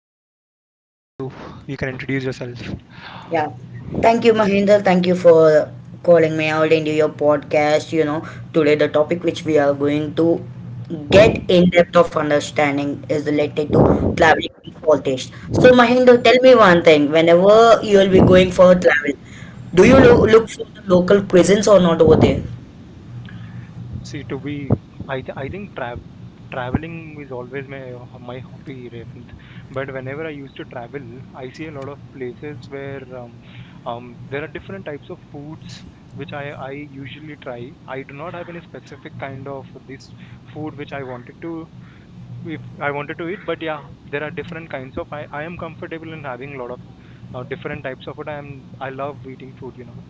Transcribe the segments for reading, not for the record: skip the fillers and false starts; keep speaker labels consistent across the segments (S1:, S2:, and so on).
S1: Revant, over to you. You can introduce yourself.
S2: Yeah. Thank you, Mahinder. Thank you for calling me out into your podcast. You know, today the topic which we are going to get in depth of understanding is related to traveling for taste. So, Mahinder, tell me one thing. Whenever you will be going for travel, do you look for the local cuisines or not over there?
S1: See, to be, I think traveling is always my hobby, Revanth. But whenever I used to travel, I see a lot of places where there are different types of foods which I usually try. I do not have any specific kind of this food which I wanted to if I wanted to eat, but yeah, there are different kinds of. I am comfortable in having a lot of different types of food. I am I love eating food,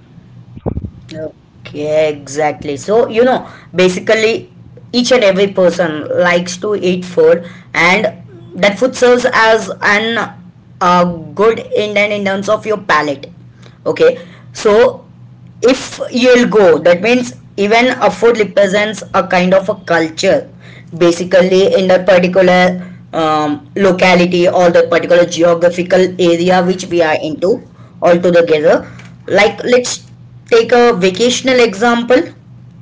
S2: Okay, exactly. So, you know, basically, each and every person likes to eat food, and that food serves as an uh, good indent in terms of your palate. Okay, so if you'll go, that means even a food represents a kind of a culture basically in that particular locality or the particular geographical area which we are into all together. Like let's take a vacational example.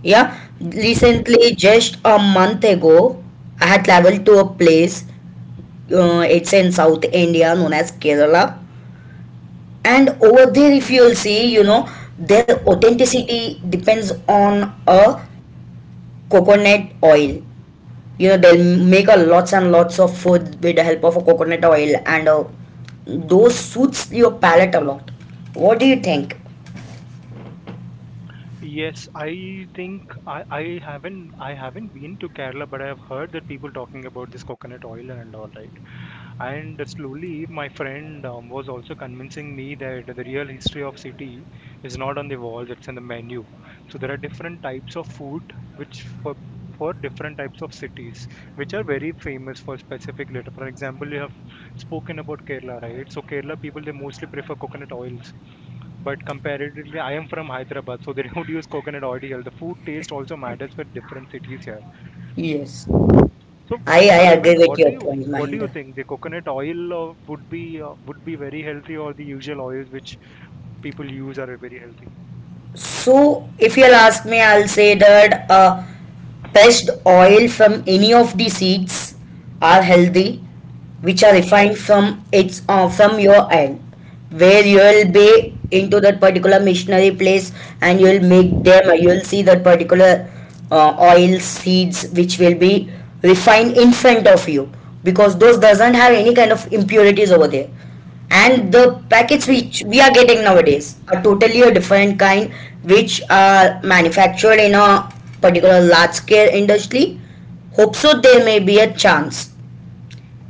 S2: Yeah, recently just a month ago, I had traveled to a place. It's in South India known as Kerala, and over there, if you'll see, you know, their authenticity depends on a coconut oil. You know, they'll make a lots and lots of food with the help of a coconut oil and those suits your palate a lot. What do you think?
S1: Yes, I think I haven't been to Kerala, but I've heard that people talking about this coconut oil and all right. And slowly, my friend was also convincing me that the real history of city is not on the walls; it's in the menu. So there are different types of food which for different types of cities, which are very famous for specific later. For example, you have spoken about Kerala, right? So Kerala people they mostly prefer coconut oils but comparatively, I am from Hyderabad, so they don't use coconut oil here. The food taste also matters for different cities here.
S2: Yes.
S1: So,
S2: I
S1: so
S2: agree
S1: Raven,
S2: with your point,
S1: what do
S2: mind.
S1: you think? The coconut oil would be very healthy, or the usual oils which people use are very healthy?
S2: So, if you'll ask me, I'll say that best oil from any of the seeds are healthy, which are refined from its from your end, where you'll be into that particular missionary place and you'll make them. You'll see that particular oil seeds which will be refined in front of you, because those doesn't have any kind of impurities over there, and the packets which we are getting nowadays are totally a different kind, which are manufactured in a particular large scale industry. Hope so there may be a chance.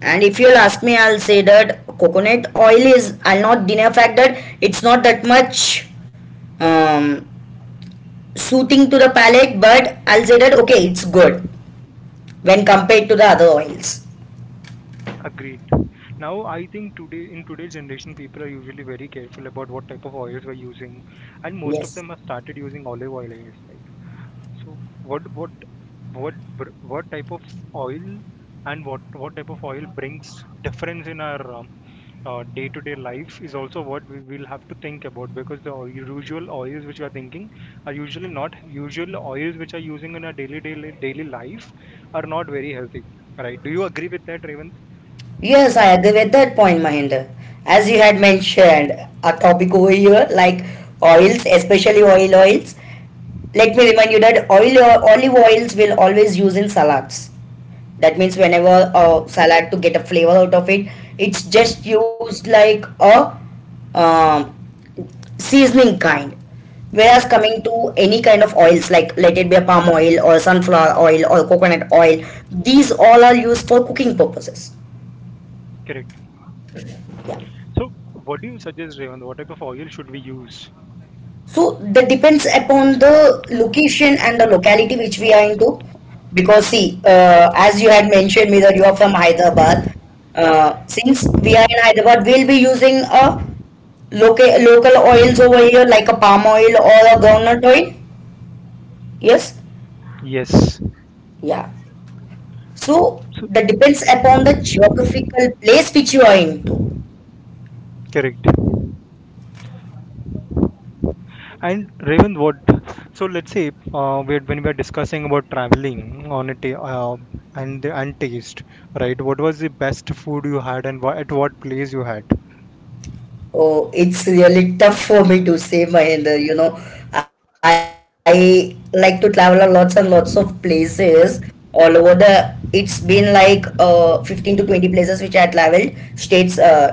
S2: And if you'll ask me, I'll say that coconut oil is, I'll not deny a fact that it's not that much um, suiting to the palate, but I'll say that okay, it's good when compared to the other oils.
S1: Agreed. Now, I think today in today's generation, people are usually very careful about what type of oils we're using, and most of
S2: Yes.
S1: them have started using olive oil. I guess, right? So what type of oil and what type of oil brings difference in our day-to-day life is also what we will have to think about because the usual oils which we are thinking are usually not usual oils which are using in our daily life are not very healthy. Right? Do you agree with that, Raymond?
S2: Yes, I agree with that point, Mahinder. As you had mentioned, a topic over here like oils, especially oils. Let me remind you that oil olive oils will always use in salads. That means whenever a salad to get a flavor out of it, it's just used like a um, seasoning kind. Whereas coming to any kind of oils like let it be a palm oil or sunflower oil or coconut oil, these all are used for cooking purposes.
S1: Correct. So what do you suggest, Raymond? What type of oil should we use?
S2: So that depends upon the location and the locality which we are into. Because see, as you had mentioned, whether you are from Hyderabad, since we are in Hyderabad, we'll be using a local oils over here like a palm oil or a groundnut oil. Yes,
S1: Yes.
S2: yeah. So
S1: So
S2: that depends upon the geographical place which you are into.
S1: correct. And Raven, what? So let's say we when we are discussing about traveling on a and taste, right? What was the best food you had, and at what place you had?
S2: Oh, it's really tough for me to say, Mahinder. You know, I like to travel a lots and lots of places all over the. It's been like 15 to 20 places which I traveled, states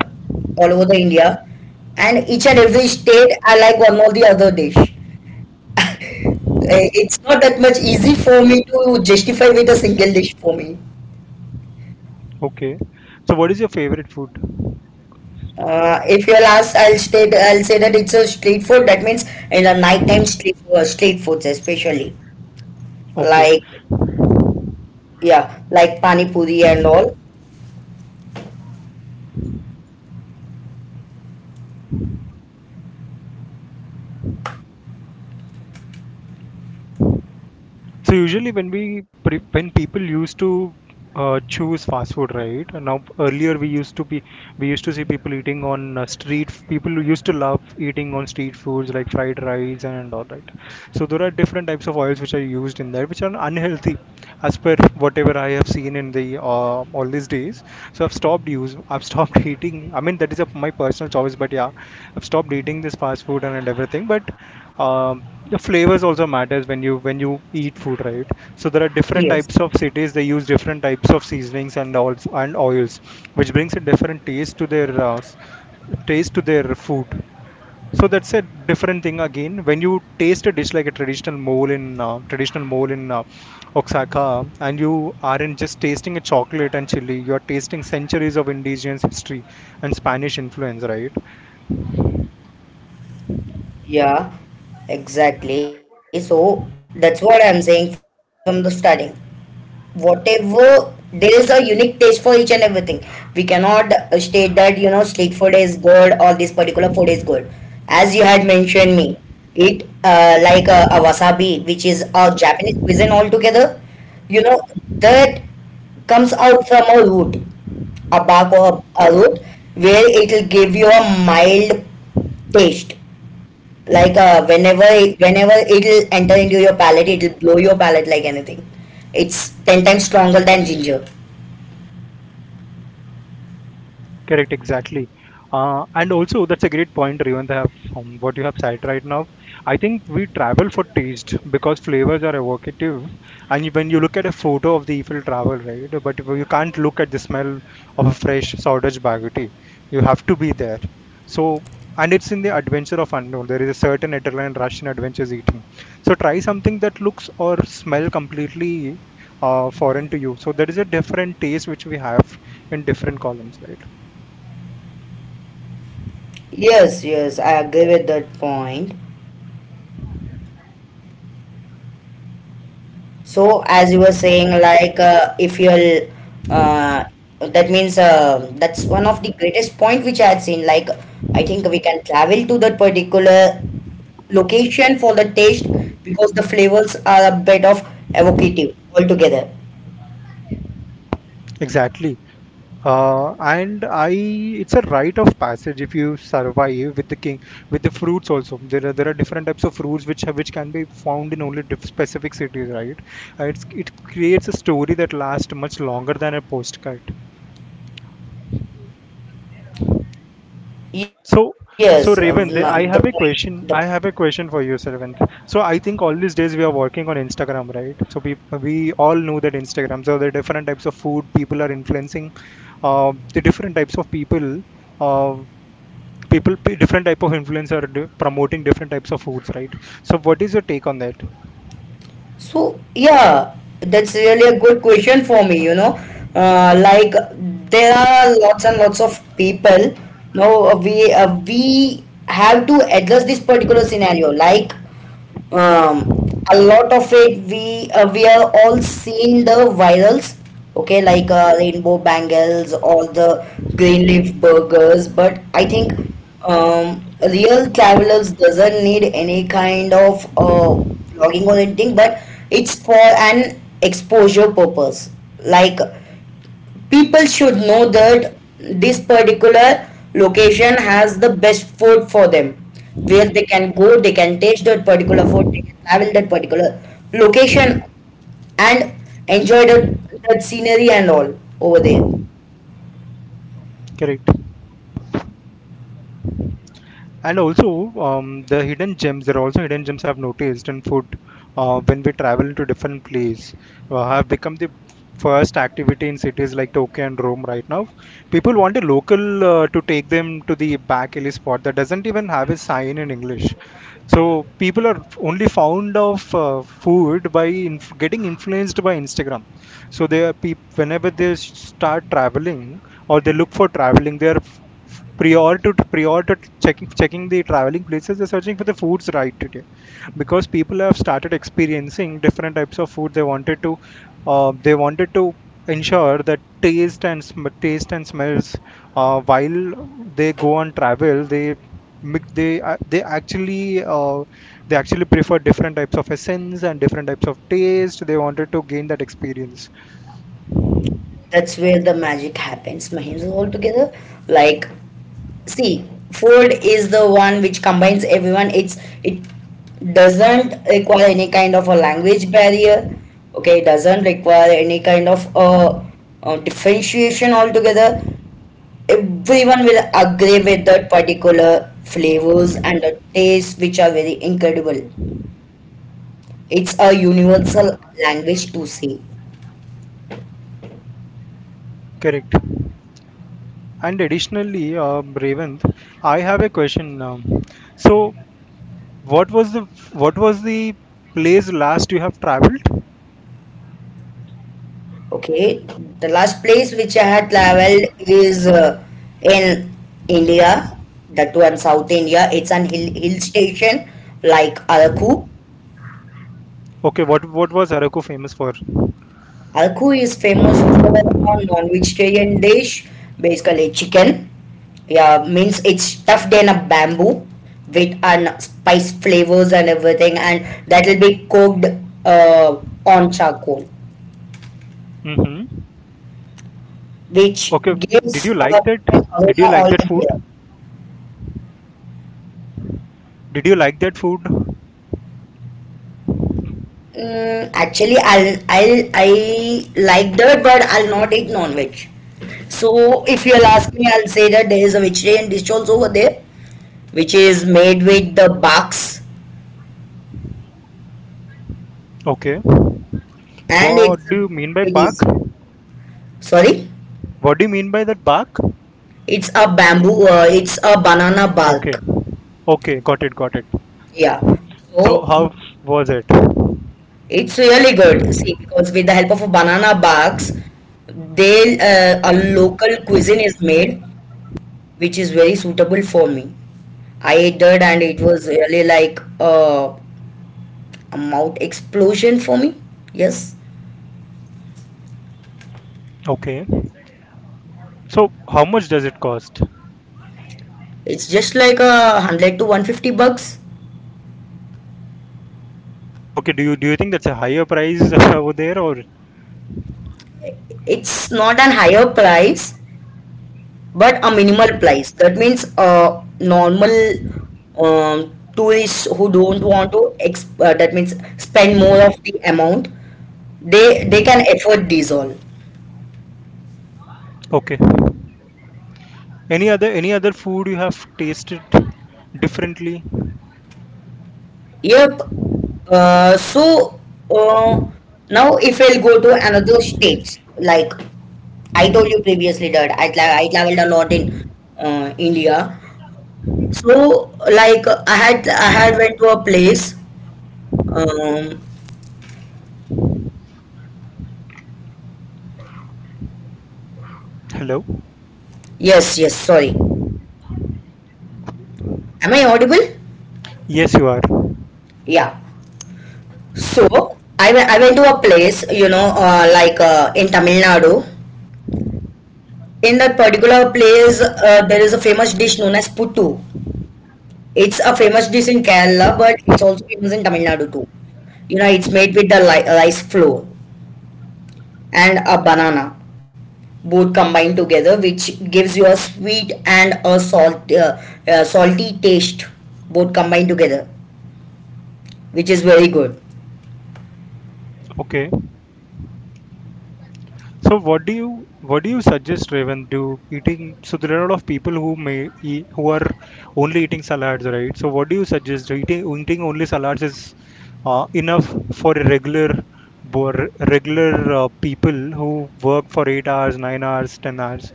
S2: all over the India. And each and every state, I like one or the other dish. It's not that much easy for me to justify with a single dish for me.
S1: Okay. So what is your favorite food?
S2: If you'll ask, I'll say that it's a street food. That means in a nighttime street, street foods especially.
S1: Okay.
S2: Like, yeah, like pani puri and all.
S1: So usually when we pre when people used to choose fast food, right? Now earlier we used to see people eating on street. People used to love eating on street foods like fried rice and all that. So there are different types of oils which are used in that, which are unhealthy, as per whatever I have seen in the all these days. So I've stopped eating. I mean that is a, my personal choice, but yeah, I've stopped eating this fast food and everything. But um, the flavors also matters when you eat food, right? So there are different
S2: Yes,
S1: types of cities. They use different types of seasonings and all and oils, which brings a different taste to their taste to their food. So that's a different thing again. When you taste a dish like a traditional mole in Oaxaca, and you aren't just tasting a chocolate and chili, you are tasting centuries of indigenous history and Spanish influence, right?
S2: yeah, exactly. So that's what I'm saying from the starting. Whatever, there is a unique taste for each and everything. We cannot state that, you know, street food is good or this particular food is good. As you had mentioned me, it like a wasabi which is a Japanese cuisine altogether, you know, that comes out from a root, a bark or a root, where it will give you a mild taste. Like whenever it will enter into your palate, it will blow your palate like anything. It's 10 times stronger than ginger.
S1: Correct, exactly. And also, that's a great point, Revant, have from what you have said right now. I think we travel for taste because flavors are evocative. And when you look at a photo of the Eiffel Tower, right, but you can't look at the smell of a fresh sawdust baguette. You have to be there. So, and it's in the adventure of unknown. There is a certain adrenaline rush in adventures eating. So try something that looks or smell completely foreign to you. So there is a different taste which we have in different columns, right?
S2: Yes, yes, I agree with that point. So as you were saying, like if you'll uh, that means that's one of the greatest point which I had seen. Like, I think we can travel to that particular location for the taste, because the flavors are a bit of evocative altogether.
S1: Exactly. And I, it's a rite of passage if you survive with the king, with the fruits also. There are different types of fruits which have, which can be found in only diff specific cities, right? It's, it creates a story that lasts much longer than a postcard.
S2: Yes,
S1: So, so
S2: the
S1: Raven,
S2: point.
S1: I have
S2: The,
S1: a question. I have a question for you, Raven. So I think all these days we are working on Instagram, right? So we all know that Instagram. So the different types of food people are influencing, the different types of people, uh, different type of promoting different types of foods, right? So what is your take on that?
S2: so yeah, that's really a good question for me. You know, like there are lots and lots of people. Now we have to address this particular scenario. Like, um, a lot of it we are all seen the virals. Okay, like rainbow bangles or the green leaf burgers, but I think um, real travelers doesn't need any kind of vlogging or anything, but it's for an exposure purpose. Like, people should know that this particular location has the best food for them, where they can go, they can taste that particular food, they can travel that particular location and enjoy the, that scenery and all over there.
S1: Correct. And also, the hidden gems, there are also hidden gems I've noticed in food when we travel to different place, have become the first activity in cities like Tokyo and Rome right now. People want a local to take them to the back alley spot that doesn't even have a sign in English. So people are only found of food by getting influenced by Instagram. So they are peop whenever they start traveling or they look for traveling, they are prior to prior to checking the traveling places, they're searching for the foods right today, because people have started experiencing different types of food. They wanted to uh, they wanted to ensure that taste and smells while they go on travel they mix- they a- they actually uh, they actually prefer different types of essence and different types of taste they wanted to gain that experience.
S2: That's where the magic happens, Mahendra, altogether. Like, see, food is the one which combines everyone. It's, it doesn't require any kind of a language barrier. Okay, it doesn't require any kind of a, differentiation altogether. Everyone will agree with that particular flavors and the taste which are very incredible. It's a universal language to say.
S1: Correct. And additionally, Revant, I have a question. So, what was the what was the place last you have traveled?
S2: Okay, the last place which I had traveled is in India, that too in South India. It's an hill station like Araku.
S1: Okay, what was Araku famous for?
S2: Araku is famous for a non-vegetarian dish, basically chicken. Yeah, means it's stuffed in a bamboo with an spice flavors and everything, and that will be cooked uh, on charcoal,
S1: Mm-hmm.
S2: which
S1: Okay, did you
S2: gives a
S1: like that?
S2: different
S1: Did
S2: aroma
S1: you like that food?
S2: altogether.
S1: Did you like that food?
S2: Mm, actually, I like that, but I'll not eat non-veg. So if you'll ask me, I'll say that there is a vegetarian dish also over there, which is made with the barks,
S1: Okay.
S2: and
S1: What
S2: it's a
S1: do you mean by
S2: bit
S1: bark?
S2: easy. Sorry,
S1: What do you mean by that bark?
S2: it's a bamboo. It's a banana
S1: Okay.
S2: bark.
S1: Okay, got it, got it.
S2: Yeah.
S1: So
S2: So
S1: how was it?
S2: it's really good. See, because with the help of a banana barks, they a local cuisine is made, which is very suitable for me. I did, and it was really like a mouth explosion for me. Yes,
S1: Okay. So how much does it cost?
S2: it's just like a 100 to 150 bucks.
S1: Okay, do you think that's a higher price over there or
S2: It's not an higher price, but a minimal price. That means normal tourists who don't want to that means spend more of the amount, they can afford these all.
S1: okay? Any other food you have tasted differently?
S2: Yep. Uh, so uh, Now if I'll go to another state, like I told you previously that I traveled a lot in India. So like I had went to a place. Um,
S1: Hello?
S2: yes, yes. Sorry, am I audible?
S1: Yes, you are.
S2: Yeah. So I went to a place. You know, like in Tamil Nadu. In that particular place, there is a famous dish known as puttu. It's a famous dish in Kerala, but it's also famous in Tamil Nadu too. You know, it's made with the rice flour and a banana, both combined together, which gives you a sweet and a salt salty taste, both combined together, which is very good.
S1: Okay. So what do you suggest, Raven, do eating? So there are a lot of people who may eat, who are only eating salads, right? So what do you suggest? Eating only salads is enough for a regular people who work for 8 hours, 9 hours, 10 hours.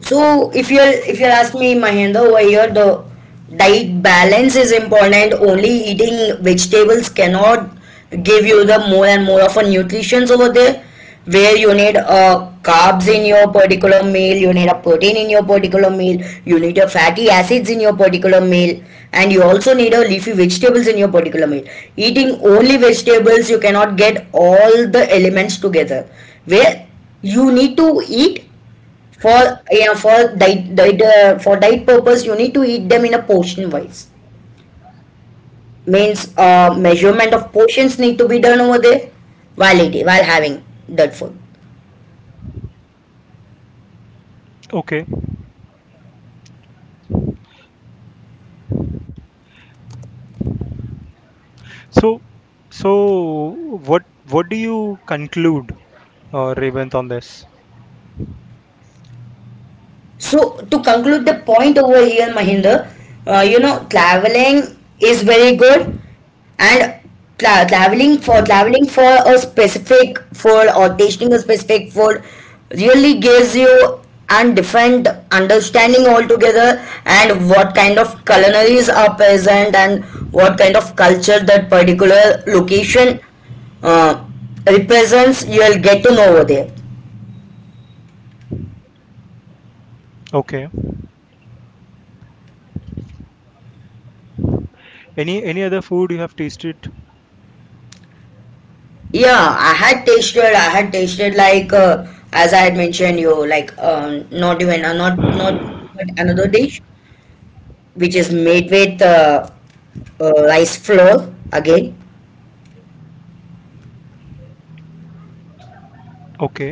S2: So if you're asking me, Mahendra, over here the diet balance is important. Only eating vegetables cannot give you the more and more of a nutrition over there, where you need carbs in your particular meal, you need a protein in your particular meal, you need your fatty acids in your particular meal, and you also need a leafy vegetables in your particular meal. Eating only vegetables, you cannot get all the elements together. Where you need to eat for, yeah, for diet diet for diet purpose, you need to eat them in a portion wise. Means measurement of portions need to be done over there while eating, while having that food.
S1: Okay. So, so what do you conclude, Revant, on this?
S2: So to conclude the point over here, Mahinder, you know, traveling is very good, and traveling for a specific food or tasting a specific food really gives you and different understanding altogether, and what kind of culinaries are present and what kind of culture that particular location uh, represents, you'll get to know over there.
S1: Okay. Any other food you have tasted?
S2: Yeah, I had tasted. I had tasted like as I had mentioned you like not even not not but another dish which is made with rice flour again.
S1: Okay.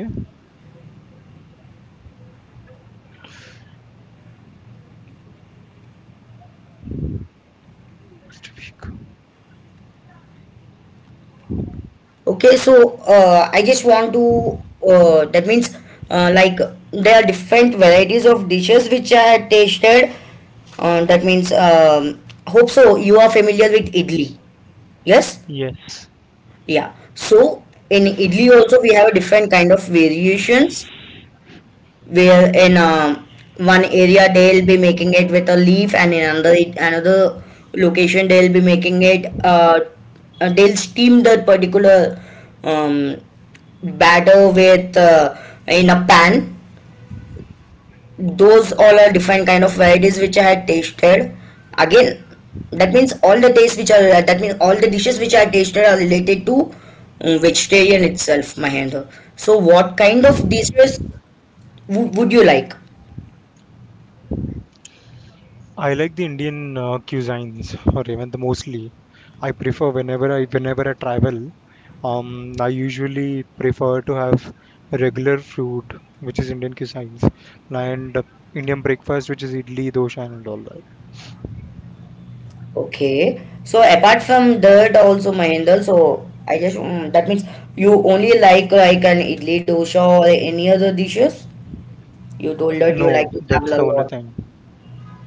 S1: Next week.
S2: Okay, so I just want to that means like there are different varieties of dishes which I had tasted. That means hope so you are familiar with idli. Yes,
S1: Yes.
S2: yeah. So in idli also we have a different kind of variations, where in one area they'll be making it with a leaf, and in another another location they'll be making it they'll steam that particular um, batter with in a pan. Those all are different kind of varieties which I had tasted. Again, that means all the tastes which are, that means all the dishes which I tasted are related to vegetarian itself, Mahendra. So what kind of dishes would you like?
S1: I like the Indian cuisines, Revant, mostly. I prefer whenever I travel. I usually prefer to have regular food, which is Indian cuisines, and Indian breakfast, which is idli, dosha, and all that.
S2: Okay. So apart from that also Mahendra, so I just that means you only like an idli dosha or any other dishes? You told that
S1: No,
S2: you like to
S1: that's the
S2: travel a
S1: only
S2: lot.
S1: thing.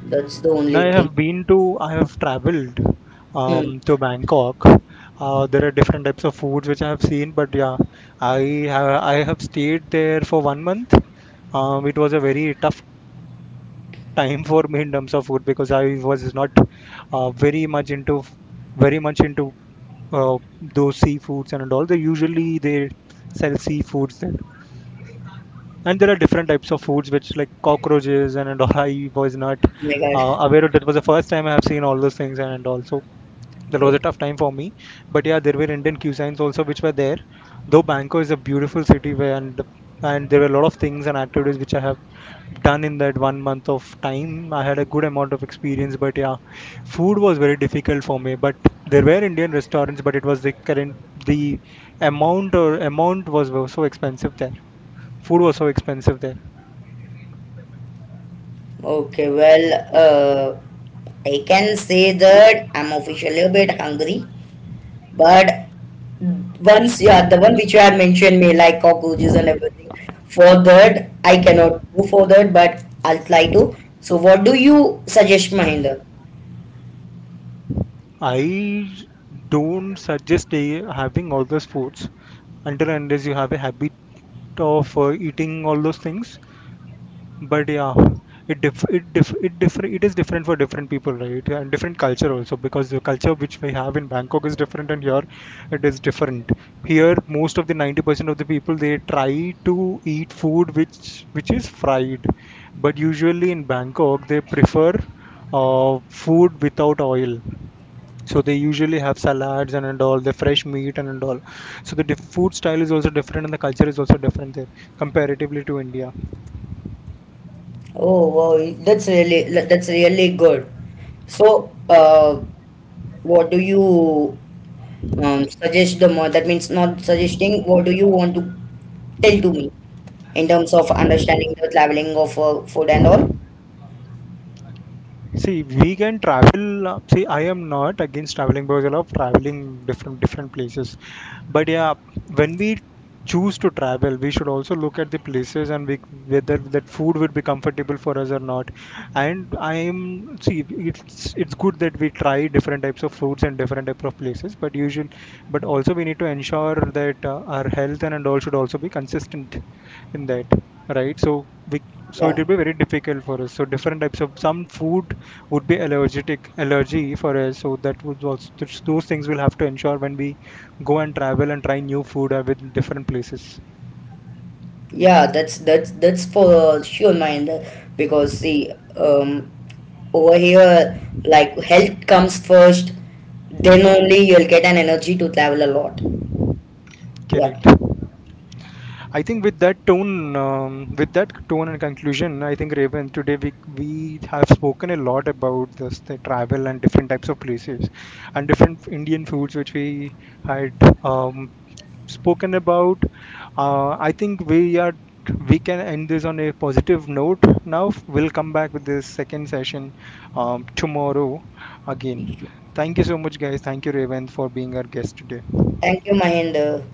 S2: That's the
S1: Now
S2: only thing.
S1: I have traveled
S2: Hmm.
S1: to Bangkok. There are different types of foods which I have seen, but yeah, I I have stayed there for 1 month. It was a very tough time for me in terms of food because I was not uh, very much into very much into those seafoods and all. They sell seafoods there and there are different types of foods which like cockroaches and all, I was not
S2: Oh my God.
S1: aware of that, was the first time I have seen all those things, and also that was a
S2: Okay.
S1: tough time for me, but yeah, there were Indian cuisines also which were there, though Bangkok is a beautiful city, where and there were a lot of things and activities which I have done in that 1 month of time. I had a good amount of experience, but yeah, food was very difficult for me, but there were Indian restaurants, but it was the current the amount or amount was so expensive there. Food was so expensive there.
S2: Okay, well, uh, I can say that I'm officially a bit hungry. But once, yeah, the one which you had mentioned me like cockroaches and everything. For that, I cannot go for that, but I'll try to. So, what do you suggest, Mahinder?
S1: I don't suggest having all those foods until and unless you have a habit of eating all those things. But yeah, it is different for different people, right, and different culture also, because the culture which we have in Bangkok is different and here it is different. Here most of the 90% of the people they try to eat food which is fried, but usually in Bangkok they prefer food without oil. So they usually have salads and all the fresh meat and all. So the food style is also different and the culture is also different there comparatively to India.
S2: Oh, wow, that's really good. So, what do you suggest the more? That means not suggesting. What do you want to tell to me in terms of understanding the traveling of food and all?
S1: See, we can travel. See, I am not against traveling because I love traveling different places. But yeah, when we choose to travel, we should also look at the places whether that food would be comfortable for us or not. And I am See, it's good that we try different types of foods and different type of places. But also we need to ensure that our health and all should also be consistent in that, right? So it
S2: Yeah.
S1: will be very difficult for us. So different types of some food would be allergic allergy for us. So that would also those things we'll have to ensure when we go and travel and try new food with different places.
S2: Yeah, that's for sure, Mahinder. Because see, over here, like health comes first, then only you'll get an energy to travel a lot. Yeah.
S1: Correct. I think with that tone, and conclusion, I think Raven today we have spoken a lot about this the travel and different types of places, and different Indian foods which we had um, spoken about. I think we are We can end this on a positive note. Now we'll come back with this second session tomorrow again. Thank you so much, guys. Thank you, Raven, for being our guest today.
S2: Thank you, Mahinder.